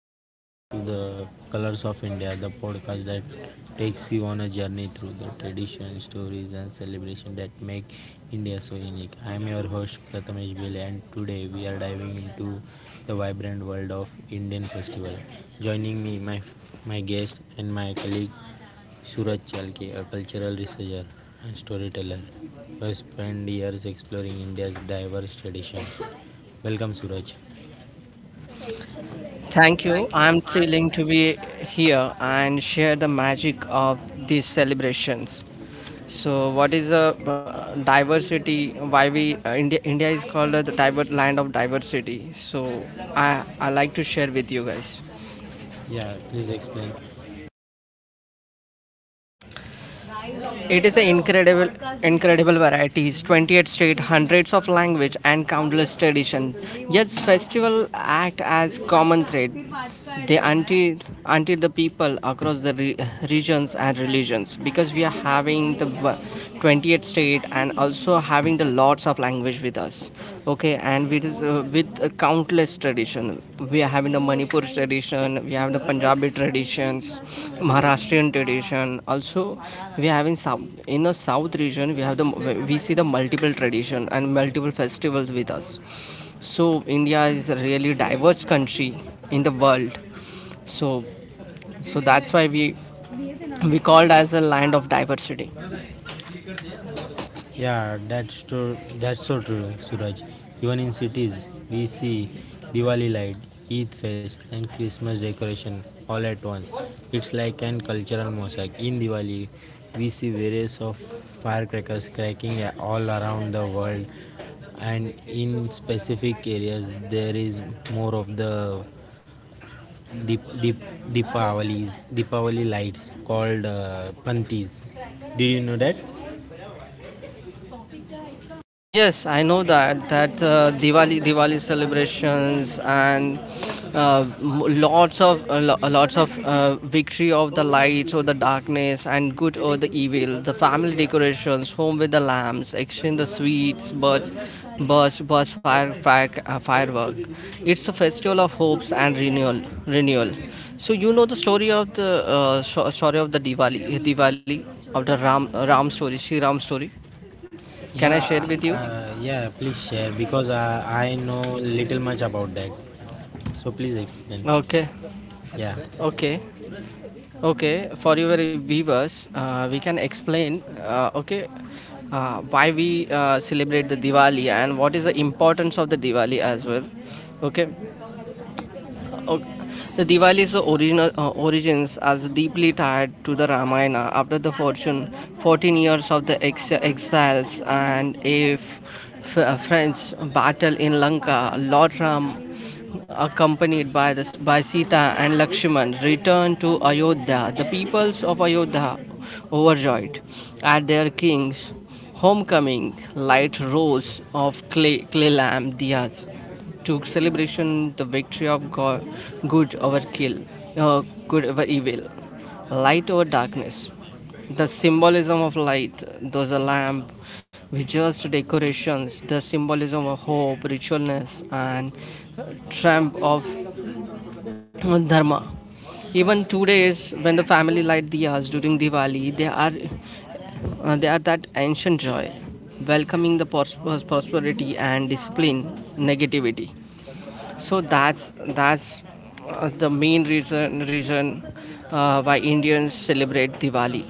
and welcome to the Colors of India, the podcast that takes you on a journey through the traditions, stories, and celebration that make India so unique. I am your host Prathamesh Bhele, and today we are diving into the vibrant world of Indian festival. Joining me, my guest and my colleague Suraj Chalke, a cultural researcher and storyteller who has spent years exploring India's diverse tradition. Welcome, Suraj. Thank Thank you. you. I'm thrilling to be here and share the magic of these celebrations. So, what is a diversity? Why we India is called the diver land of diversity. So, I like to share with you guys. Yeah, please explain. It is an incredible varieties, 28 state, hundreds of language and countless tradition. Yet festival act as common thread. They until the people across the regions and religions because we are having the 28th state and also having the lots of language with us. Okay, and with a countless tradition, we are having the Manipur tradition, we have the Punjabi traditions, Maharashtrian tradition also. We are having south in the south region, we have the we see the multiple tradition and multiple festivals with us. So India is a really diverse country in the world. So so that's why we called as a land of diversity. Yeah, that's true. That's so true, Suraj. Even in cities, we see Diwali light, Eid fest, and Christmas decoration all at once. It's like an cultural mosaic. In Diwali, we see various of firecrackers cracking all around the world, and in specific areas, there is more of the Deep, deep, Deepavalis, Deepavali lights called Pantis. Did you know that? Yes, I know that Diwali celebrations and lots of lots of victory of the lights or the darkness and good or the evil. The family decorations, home with the lamps, exchange the sweets, birds, fire, firework. It's a festival of hopes and renewal. So you know the story of the Diwali of the Ram story, Shri Ram story. Can I Yeah, share with you? Yeah, please share because I know little much about that. So please explain. Okay. Yeah, Okay, okay. For your viewers, we can explain, okay, why we celebrate the Diwali and what is the importance of the Diwali as well. Okay, ok, the Diwali's original origins as deeply tied to the Ramayana after the fortune 14 years of the exiles and a French battle in Lanka. Lord Ram, accompanied by by Sita and Lakshman, returned to Ayodhya. The peoples of Ayodhya, overjoyed at their king's homecoming, light rows of clay lamp diyas to celebration the victory of God, good over kill, uh, good over evil, light over darkness. The symbolism of light, those a lamp, religious decorations, the symbolism of hope, ritualness, and triumph of dharma. Even 2 days when the family light diyas during Diwali, they are that ancient joy, welcoming the prosperity and discipline negativity. So that's the main reason why Indians celebrate Diwali.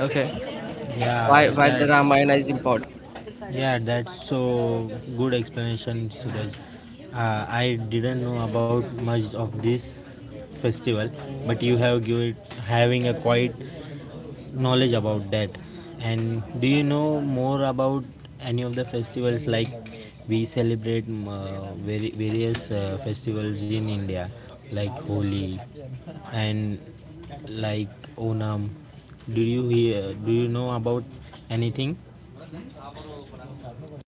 Okay, yeah, why the that, Ramayana is important. yeah, that's so good explanation, Suraj. I didn't know about much of this festival, but you have given having a quite knowledge about that and do you know more about any of the festivals like we celebrate various festivals in india like holi and like onam do you hear do you know about anything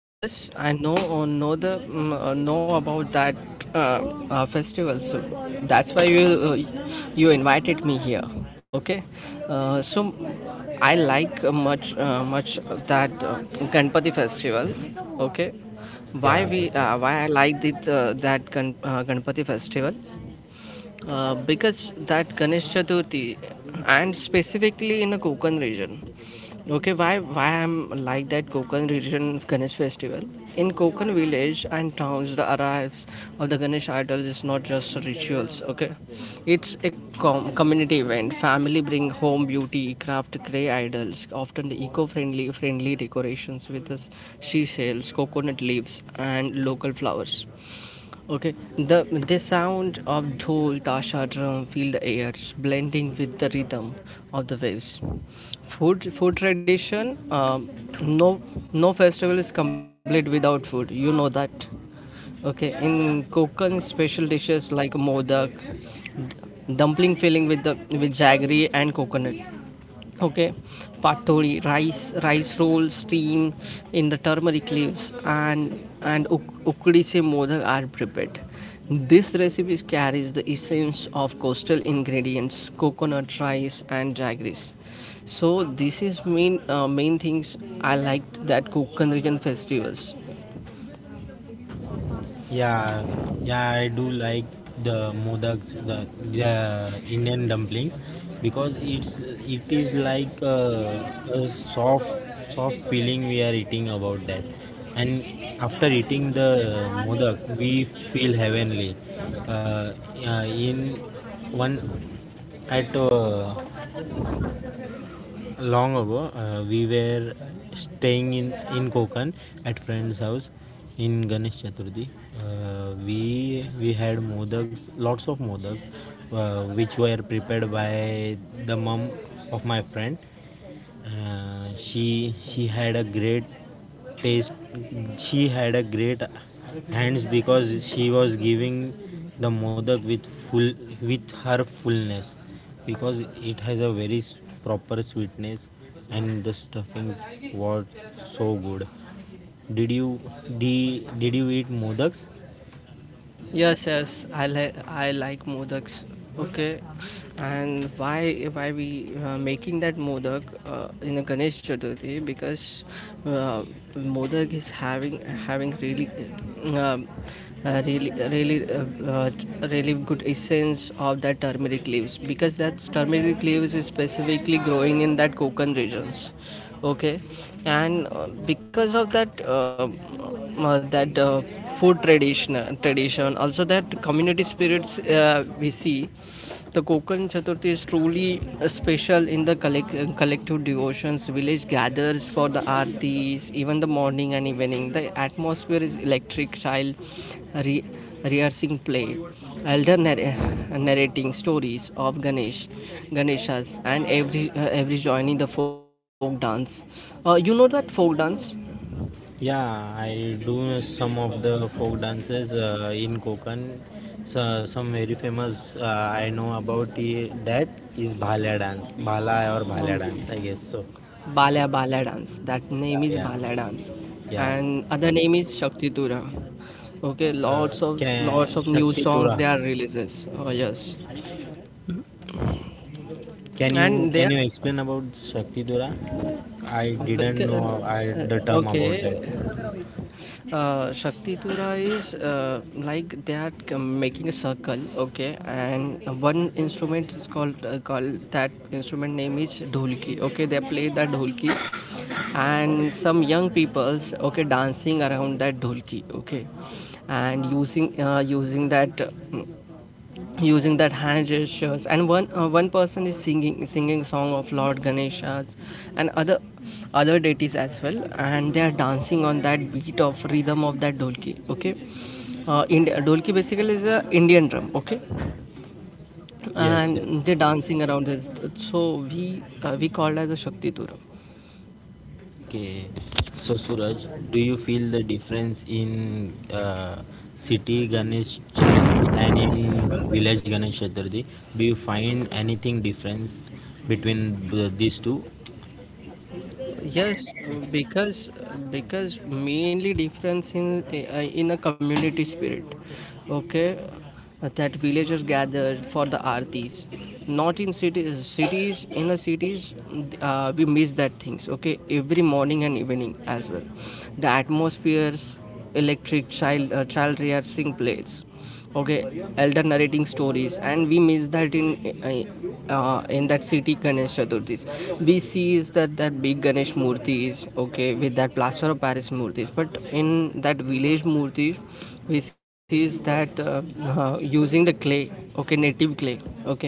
Yes, I know the know about that uh, festival. So that's why you uh, you invited me here. Okay, so I like much that Ganpati festival. Okay, why yeah we okay. why I like that that Ganpati festival. Because that Ganesh Chaturthi, and specifically in the Konkan region. Okay, why I'm like that Konkan region Ganesh festival? In Konkan village and towns, the arrives of the Ganesh idols is not just rituals. Okay, it's a community event. Family bring home beauty, craft clay idols, often the eco-friendly friendly decorations with the sea shells, coconut leaves, and local flowers. Okay, the sound of dhol, tasha, drum fill the air, blending with the rhythm of the waves. Food tradition. No no festival is complete without food. You know that. Okay, in Konkan special dishes like modak, dumpling filling with the with jaggery and coconut. Okay, patori rice rolls steam in the turmeric leaves and ukdice modak are prepared. This recipe carries the essence of coastal ingredients, coconut, rice and jaggeries. So this is main main things I liked that Kokan region festivals. Yeah, yeah, I do like the modaks, the Indian dumplings, because it is like a soft soft feeling we are eating about that, and after eating the modak, we feel heavenly. Uh, in one at Long ago, we were staying in Konkan at friend's house in Ganesh Chaturthi. We had modaks, lots of modaks, which were prepared by the mum of my friend. She had a great taste. She had a great hands because she was giving the modak with full with her fullness because it has a very proper sweetness and the stuffings were so good. Did you did you eat modaks? Yes, yes, I like modaks. Okay, and why we making that modak in a Ganesh Chaturthi? Because uh, modak is having really um, uh, really really uh, uh, really good essence of that turmeric leaves because that turmeric leaves is specifically growing in that Konkan regions. Okay, and because of that food tradition also that community spirits, we see the Kokan Chaturthi is truly special in the collective devotions. Village gathers for the aartis, even the morning and evening. The atmosphere is electric, child re- rehearsing play, elder narrating stories of Ganeshas, and every joining the folk dance. You know that folk dance, Yeah, I do some of the folk dances in Konkan. So, some very famous I know about that is Bhala dance, Bhala or Bhala dance, um, I guess so. Bala dance. That Yeah, name is yeah. Bala dance, Yeah. and other name is Shakti Tura. Okay, lots of lots Can of new Shakti songs Tura? they are releases. Oh yes, Can you and they can are you explain about Shakti Tura? I didn't know the term about that. okay. Shakti Tura is like they are making a circle. Okay, and one instrument is called called that instrument name is dholki. Okay, they play that dholki, and some young peoples okay dancing around that dholki. Okay, and using using that. Using that hand gestures and one person is singing song of lord ganeshas and other deities as well, and they are dancing on that beat of rhythm of that dolki. Okay, dolki basically is a indian drum. Okay, Yes, yes. and they're dancing around this. So we we called as a shakti duram. Okay, so Suraj, do you feel the difference in city Ganesh Chaturthi and in village Ganesh Chaturthi? Do you find anything difference between these two? Yes, because because mainly difference in a community spirit. Okay, that villagers gather for the artis. Not in cities. Cities in the cities, we miss that things. Okay, every morning and evening as well. The atmospheres, electric child child rearing plates, okay, elder narrating stories, and we miss that in that city ganesh chaturthis. We see is that that big ganesh murtis, okay, with that plaster of paris murtis, but in that village murtis we see is that using the clay, okay, native clay, okay,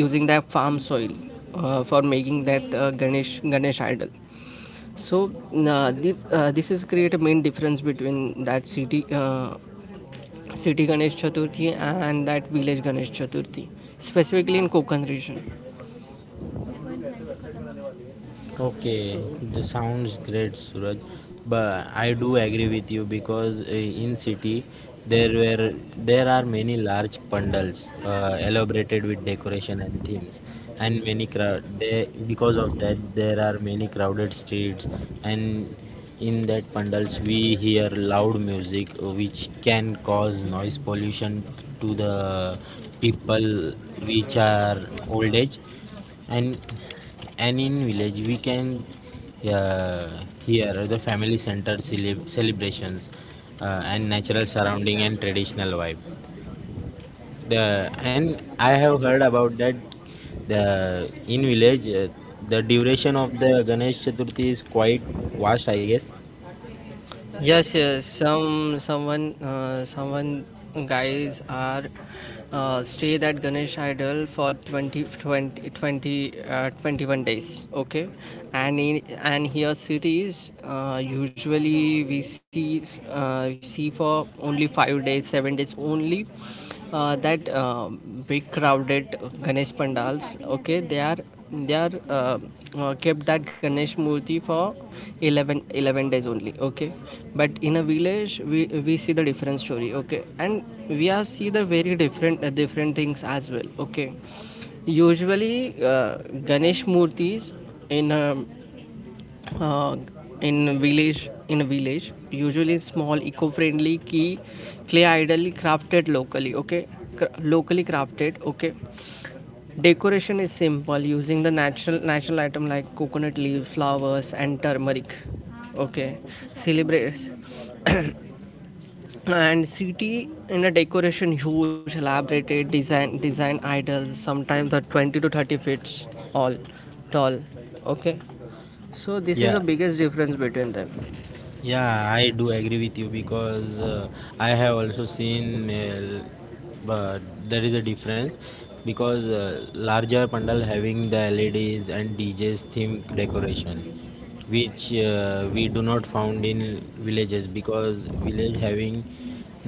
using that farm soil for making that ganesh ganesh idol. So this is create a main difference between that city city Ganesh Chaturthi and that village Ganesh Chaturthi, specifically in Konkan region. Okay, So this sounds great, Suraj. But I do agree with you because in city there are many large pandals elaborated with decoration and themes, and many crowd. They because of that there are many crowded streets, and in that pandals we hear loud music which can cause noise pollution to the people which are old age and and in village we can hear the family centered celebrations and natural surrounding and traditional vibe the and I have heard about that the in village the duration of the ganesh chaturthi is quite vast I guess. yes, yes, some someone guys are stayed at Ganesh Idol for 20, twenty, twenty uh, 21 days. Okay, and in and here cities usually we see for only 5 days, 7 days only, that big crowded Ganesh pandals. Okay, they are they are kept that Ganesh Murti for eleven days only. Okay, but in a village we see the different story. Okay, and we are see the very different different things as well. Okay, usually Ganesh Murtis in a uh, in village in a village usually small eco-friendly key clay ideally crafted locally. Okay, locally crafted. Okay, decoration is simple, using the natural item like coconut leaf, flowers and turmeric. Okay, celebrates and city in a decoration huge elaborated design idols sometimes are 20 to 30 feet all tall. Okay, so this is the Yeah, biggest difference between them. yeah, I do agree with you because I have also seen but there is a difference because larger pandal having the LEDs and DJs theme decoration, which we do not found in villages because village having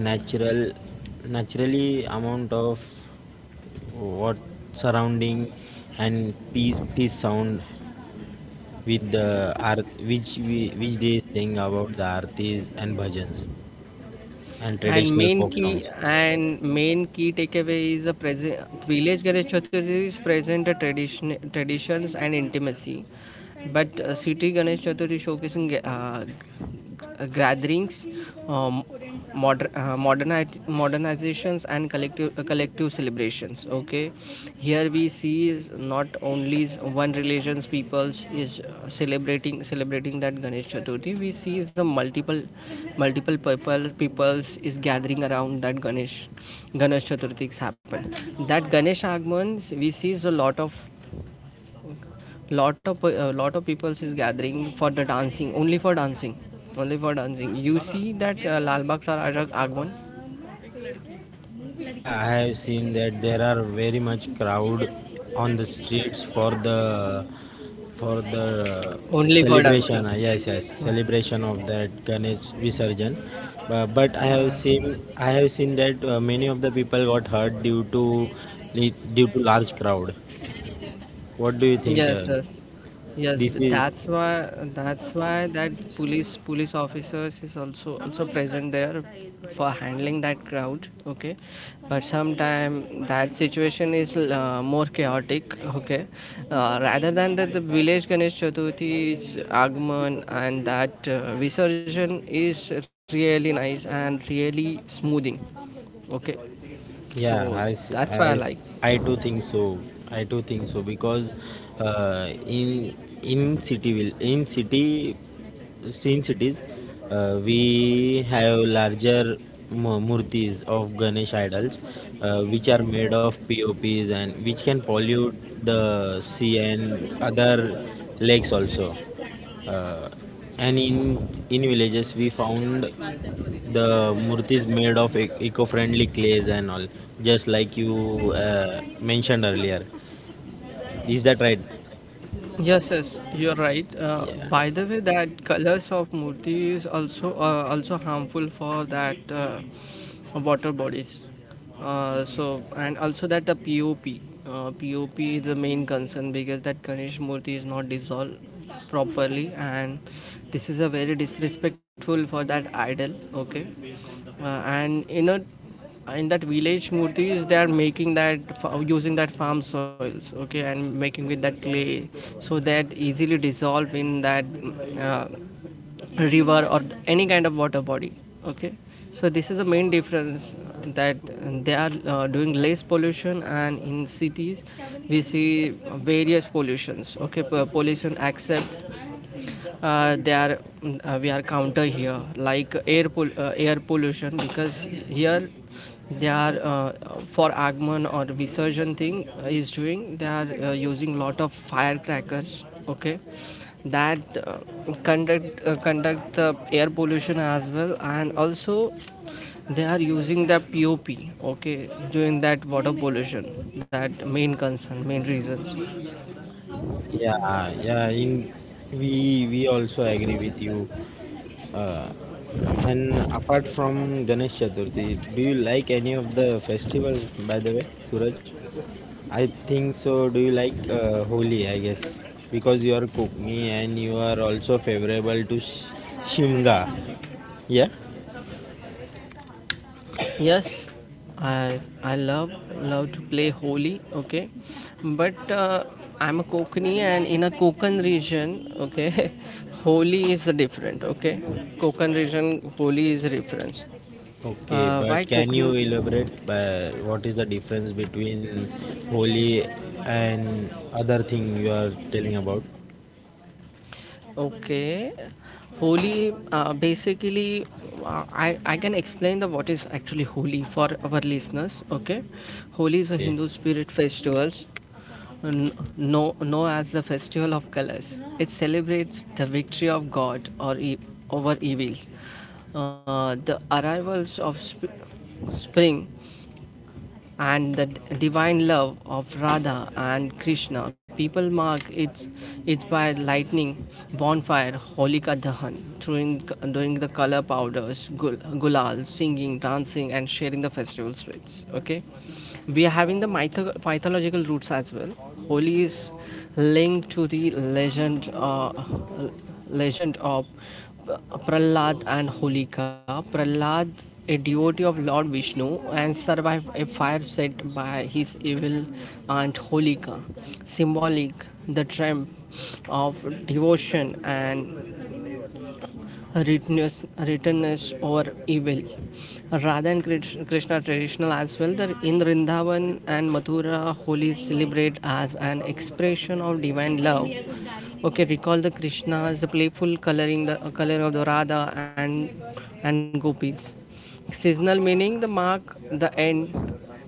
natural naturally amount of what surrounding and peace sound with the art, which which they sing about the artis and bhajans and traditional folk songs. And main key takeaway is a present village Ganesh Chaturthi is present a traditions and intimacy. But city Ganesh Chaturthi showcasing gatherings, um, modernizations, and collective celebrations. Okay, here we see is not only is one religions peoples is celebrating that Ganesh Chaturthi. We see is the multiple peoples is gathering around that Ganesh Chaturthi is happened. That Ganesh Agmans we see is a lot of a lot of people is gathering for the dancing only for dancing only for dancing. You see that lal bagh sar Ajak agwan Yeah, I have seen that there are very much crowd on the streets for the only for celebration. dancing. Uh, yes, yes, celebration of that Ganesh Visarjan. Bu- But uh, I have seen that many of the people got hurt due to due to large crowd. What do you think? Yes, yes, yes. This But is that's why that's why that police officers is also also present there for handling that crowd. Okay, but sometime that situation is more chaotic. Okay, rather than that, the village Ganesh Chaturthi's agman and that Visarjan is really nice and really smoothing. Okay, Yeah, so I, s- I, that's why I s- like. I too think so. I too think so because uh, in in city will in city in cities we have larger murtis of Ganesh idols which are made of POPs and which can pollute the sea and other lakes also. Uh, and in villages we found the murti is made of eco-friendly clays and all just like you mentioned earlier is that right. Yes, yes, you're right. Yeah, By the way, that colors of murti is also also harmful for that water bodies. So and also that the POP, POP is the main concern because that Ganesh murti is not dissolved properly, and this is a very disrespectful for that idol. Okay, and in that village murtis, they are making that using that farm soils, okay, and making with that clay so that easily dissolve in that uh, river or any kind of water body, okay. So this is the main difference, that they are doing less pollution, and in cities we see various pollutions, okay, pollution except we are counter here like air pollution, because here they are for agman or visurgent thing is doing, they are using lot of firecrackers, okay, that uh, conduct the air pollution as well, and also they are using the pop, okay, doing that water pollution, that main concern main reasons. yeah, yeah. In we we also agree with you. Uh, and apart from ganesh chaturthi do you like any of the festivals by the way suraj. I think so. Do you like Holi? I guess because you are Kokni and you are also favorable to Shimga. Yeah. Yes, I love to play Holi. Okay, but I'm a Kokani, and in a Konkan region, okay, Holi is different. Okay, Konkan region Holi is different. Okay, but Why can you Konkan? elaborate what is the difference between Holi and other thing you are telling about? Okay, Holi basically I can explain the what is actually Holi for our listeners. Okay, Holi is a Okay. Hindu spirit festivals, kn- know as the Festival of Colors. It celebrates the victory of God over evil, the arrivals of spring, and the divine love of Radha and Krishna. People mark it by lightning, bonfire, Holika Dahan, throwing, doing the color powders, gulal, singing, dancing, and sharing the festival sweets. Okay, we are having the mythological roots as well. Holi is linked to the legend of Prahlad and Holika. Prahlad, a devotee of Lord Vishnu, and survived a fire set by his evil aunt Holika. Symbolic, the triumph of devotion and writtenness or evil. Radha and Krishna traditional as well. The in Rindavan and Mathura, holy celebrate as an expression of divine love. Okay, recall the Krishna's playful coloring, the color of the Radha and gopis. Seasonal meaning the mark the end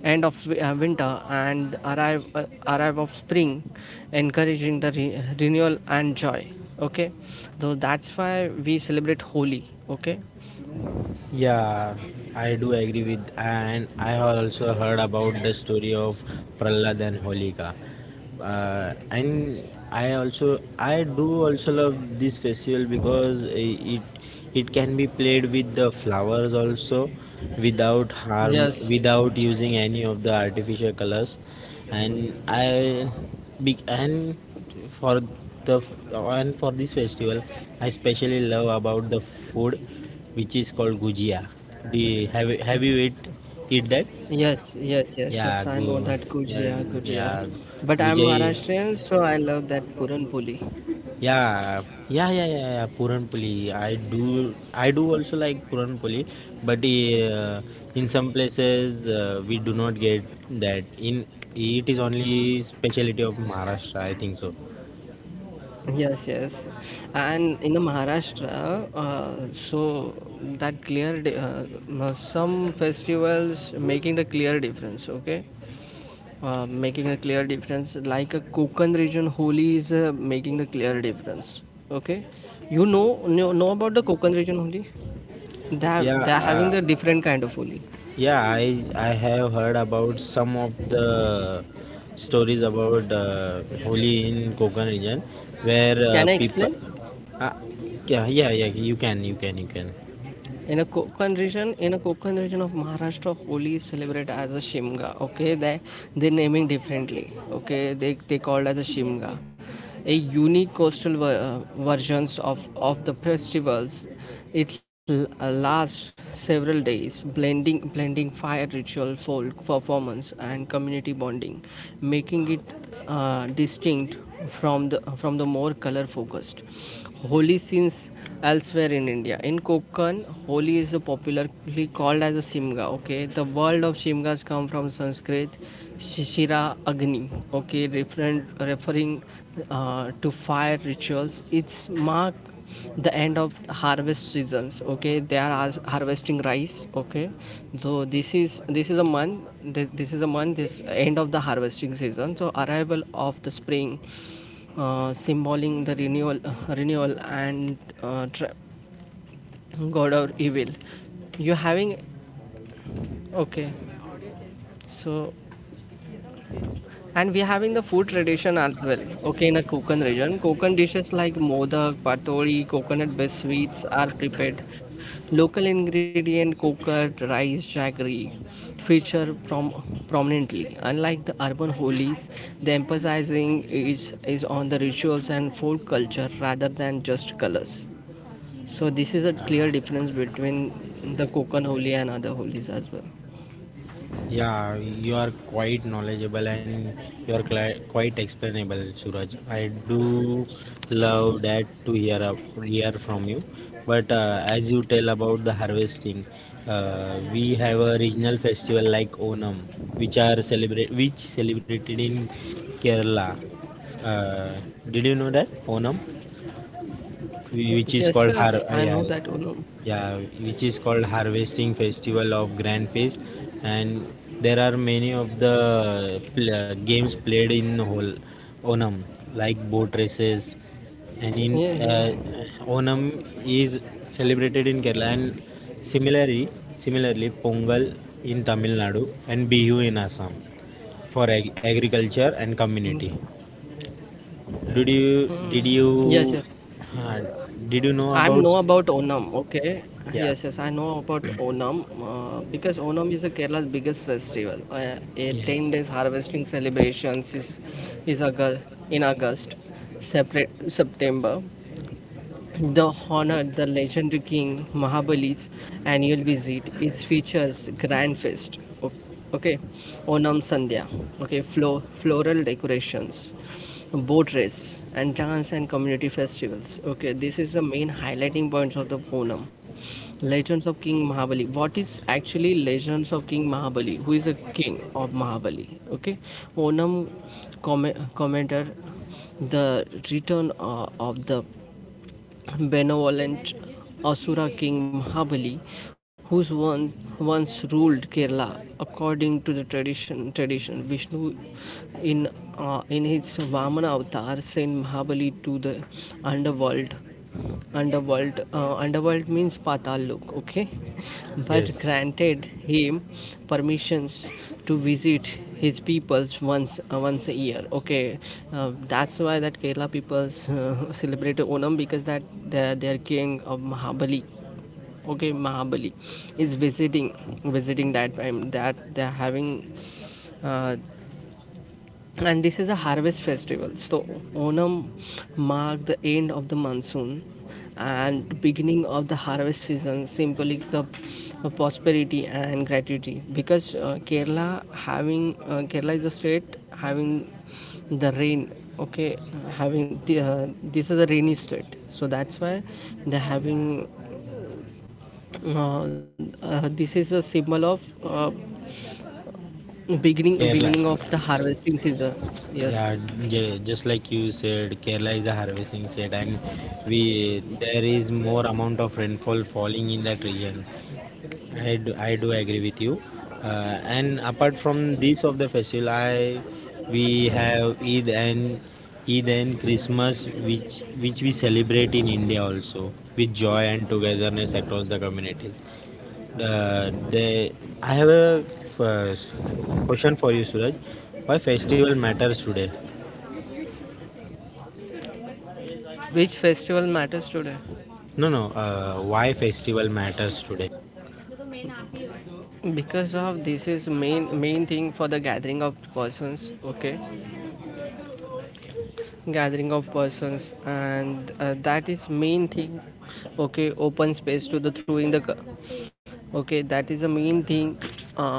end of winter and arrive of spring, encouraging the renewal and joy. Okay, so that's why we celebrate Holi. Okay. Yeah, I do agree with and I have also heard about the story of Prahlad and Holika. Uh, and I do also love this festival because it it can be played with the flowers also without harm Yes. without using any of the artificial colors and and for the and for this festival I especially love about the food which is called gujia. Do you, have you- have you eat that Yes. Yes. Yes. yeah Yes, I know gu, that yeah Gujia, Gujia. yeah But I'm gujia. Maharashtrian, so I love that Puran Poli. Yeah, yeah, yeah, yeah, yeah. Puranpoli. I do also like Puranpoli, but in some places we do not get that. In it is only specialty of Maharashtra, I think so. Yes, yes. And in the Maharashtra, so that some festivals making the clear difference, okay? Making a clear difference like a Konkan region Holi is making a clear difference, okay. You Yeah, know about the Konkan region Holi. Yeah, They are having the different kind of Holi. yeah. I have heard about some of the stories about Holi in Konkan region, where Can I people. explain? Uh, yeah, yeah, yeah. You can. In a Konkan region, in a Konkan region of Maharashtra, Holi is celebrated as a Shimga. Okay, they naming differently. Okay, they called as a Shimga, a unique coastal versions of the festivals. It lasts several days, blending fire ritual, folk performance, and community bonding, making it distinct from the more color focused Holi scenes elsewhere in India. In Konkan, Holi is popularly called as a Simga. Okay, the word of Simgas come from Sanskrit Shishira Agni. Okay, referring to fire rituals. It's mark the end of harvest seasons. Okay, they are harvesting rice. Okay, so this is a month. This is a month. This end of the harvesting season. So arrival of the spring, symboling the renewal and uh, god or evil. You're having, okay, so and we're having the food tradition as well. Okay, in the Konkan region, Konkan dishes like modak, patoli, coconut based sweets are prepared. Local ingredient coconut, rice, jaggery feature prominently. Unlike the urban holies, the emphasizing is on the rituals and folk culture rather than just colors. So this is a clear difference between the Konkan Holi and other holies as well. Yeah, you are quite knowledgeable and you are quite explainable, Suraj. I do love that to hear from you. But as you tell about the harvesting, we have a regional festival like Onam, which are celebrated in Kerala. Uh, did you know that Onam? Yes, Which is yes, called I har know that yeah, Onam. yeah, which is called harvesting festival of grand feast, and there are many of the games played in whole onam like boat races Yeah, yeah. and in uh, onam is celebrated in kerala and similarly similarly pongal in tamil nadu and bihu in assam for agriculture and Mm, community. did you mm. did Yes, yes. you uh, did you I know know about about Onam. Okay. Yes, yeah yes. I know about Onam because Onam is a Kerala's biggest festival. A ten yes days harvesting celebrations is August, in August, separate September. The honor the legendary king Mahabali's annual visit is features grand feast, o- okay, Onam Sandhya, okay, floral decorations, boat race, and dance and community festivals. Okay, this is the main highlighting points of the Onam. Legends of King Mahabali. What is actually Legends of King Mahabali? Who is the king of Mahabali? Okay, Onam com commenter the return of the benevolent Asura king Mahabali, who once ruled Kerala. According to the tradition Vishnu in in his Vamana avatar sent Mahabali to the underworld underworld underworld means patal lok, okay, but yes. granted him permissions to visit his peoples once a year, okay. That's why that kerala peoples celebrate onam, because that their king of mahabali, okay, mahabali is visiting that time that they're having, uh, and this is a harvest festival, so onam mark the end of the monsoon and beginning of the harvest season, symbolic the prosperity and gratitude, because kerala having, kerala is a state having the rain, okay, having this is a rainy state, so that's why they're having, this is a symbol of, uh, Uh, beginning Kerala. beginning of the harvesting season, Yeah, yes. Just like you said, Kerala is a harvesting state, and we there is more amount of rainfall falling in that region. I do agree with you. Uh, and apart from this of the festival, I we have Eid and Christmas, which we celebrate in India also with joy and togetherness across the communities. The, they, I have a first question for you, Suraj. Why festival matters today? Which festival matters today? No, no. Why festival matters today? Because of this is main thing for the gathering of persons. Okay, gathering of persons, and that is main thing. Okay, open space to the through in the. Okay, that is the main thing. Uh,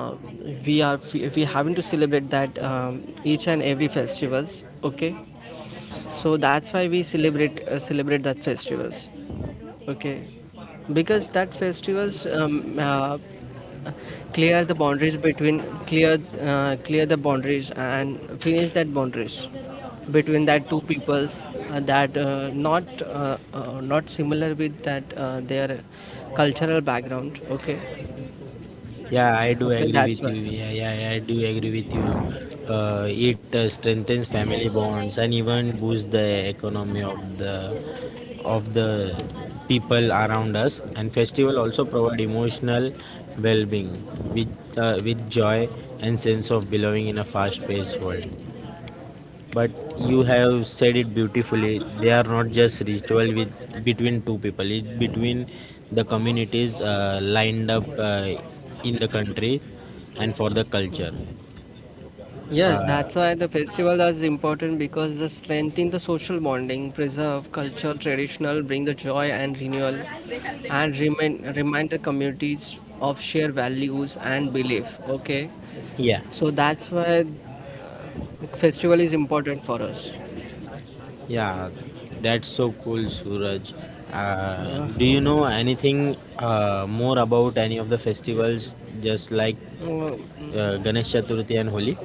we are we, we having to celebrate that each and every festivals. Okay, Yes. so that's why we celebrate that festivals. Okay, because that festivals clear the boundaries between, clear clear the boundaries and finish that boundaries between that two peoples, that not not similar with that their cultural background, okay. Yeah, I do Okay, agree that's with you. why. Yeah, yeah, yeah, I do agree with you. It strengthens family bonds and even boosts the economy of the people around us. And festival also provide emotional well-being with with joy and sense of belonging in a fast-paced world. But you have said it beautifully. They are not just ritual with between two people. It's between the communities lined up in the country and for the culture. Yes, Uh, that's why the festival is important, because they strengthen the social bonding, preserve cultural traditional, bring the joy and renewal, and remind the communities of shared values and belief. Okay, yeah, so that's why the festival is important for us. yeah, that's so cool, Suraj. Uh, Do you know uh, anything more about any of the festivals, just like mm. Ganesh Chaturthi and Holi?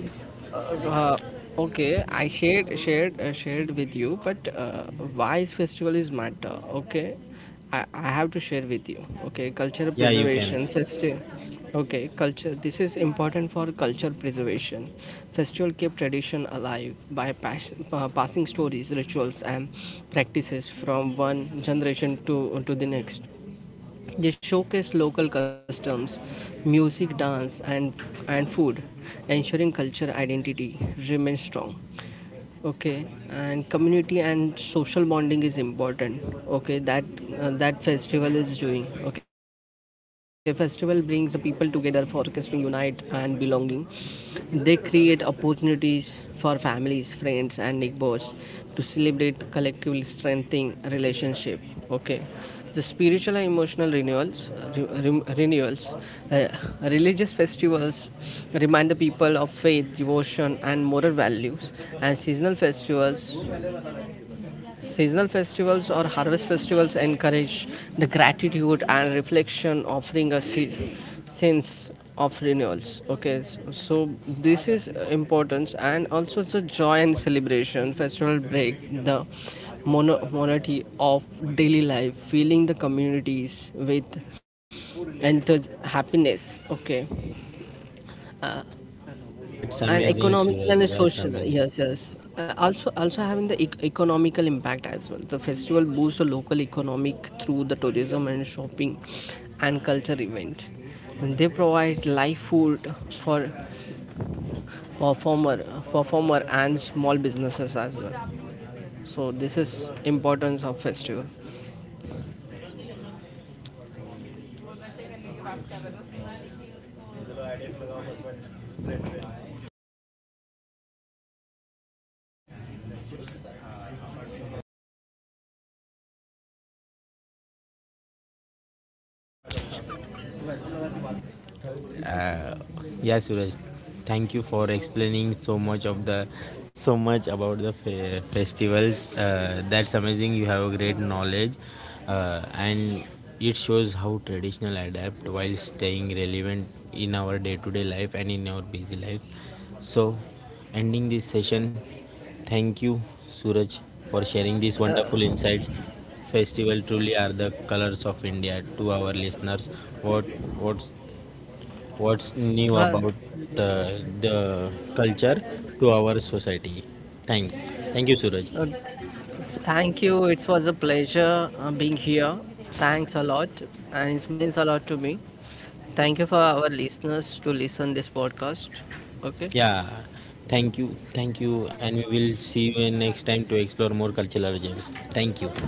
Uh, uh, okay, I shared with you, but why is festival is matter? Okay, I have to share with you. Okay, culture Yeah, you can. preservation festival. Okay, culture. This is important for culture preservation. Festival keep tradition alive by passing stories, rituals, and practices from one generation to the next. They showcase local customs, music, dance, and food, ensuring culture identity remains strong. Okay, and community and social bonding is important. Okay, that that festival is doing. Okay, festival brings the people together, forecasting unite and belonging. They create opportunities for families, friends, and neighbors to celebrate collectively strengthening relationship. Okay, the spiritual and emotional renewals, renewals, uh, religious festivals remind the people of faith, devotion, and moral values, and seasonal festivals. Seasonal festivals or harvest festivals encourage the gratitude and reflection, offering a sense of renewals. Okay, so this is importance, and also it's a joy and celebration. Festival break the monotony of daily life, feeling the communities with enter happiness. Okay, uh, That's and amazing, economical Suraj. and That's social, amazing. yes, yes. Also having the economical impact as well. The festival boosts the local economic through the tourism and shopping and culture event, and they provide live food for performer performer and small businesses as well. So this is importance of festival. Uh, yeah, Suraj, thank you for explaining so much of the so much about the festivals. Uh, that's amazing, you have a great knowledge. Uh, and it shows how traditional adapt while staying relevant in our day-to-day life and in our busy life. So ending this session, thank you, Suraj, for sharing these wonderful insights. Festival truly are the colors of india to our listeners. what what what's new uh, about uh, the culture to our society. Thanks. Thank you, Suraj. uh, Thank you, it was a pleasure being here. Thanks a lot, and it means a lot to me. Thank you for our listeners to listen this podcast. Okay. Yeah, thank you. Thank you. And we will see you next time to explore more cultural gems. Thank you.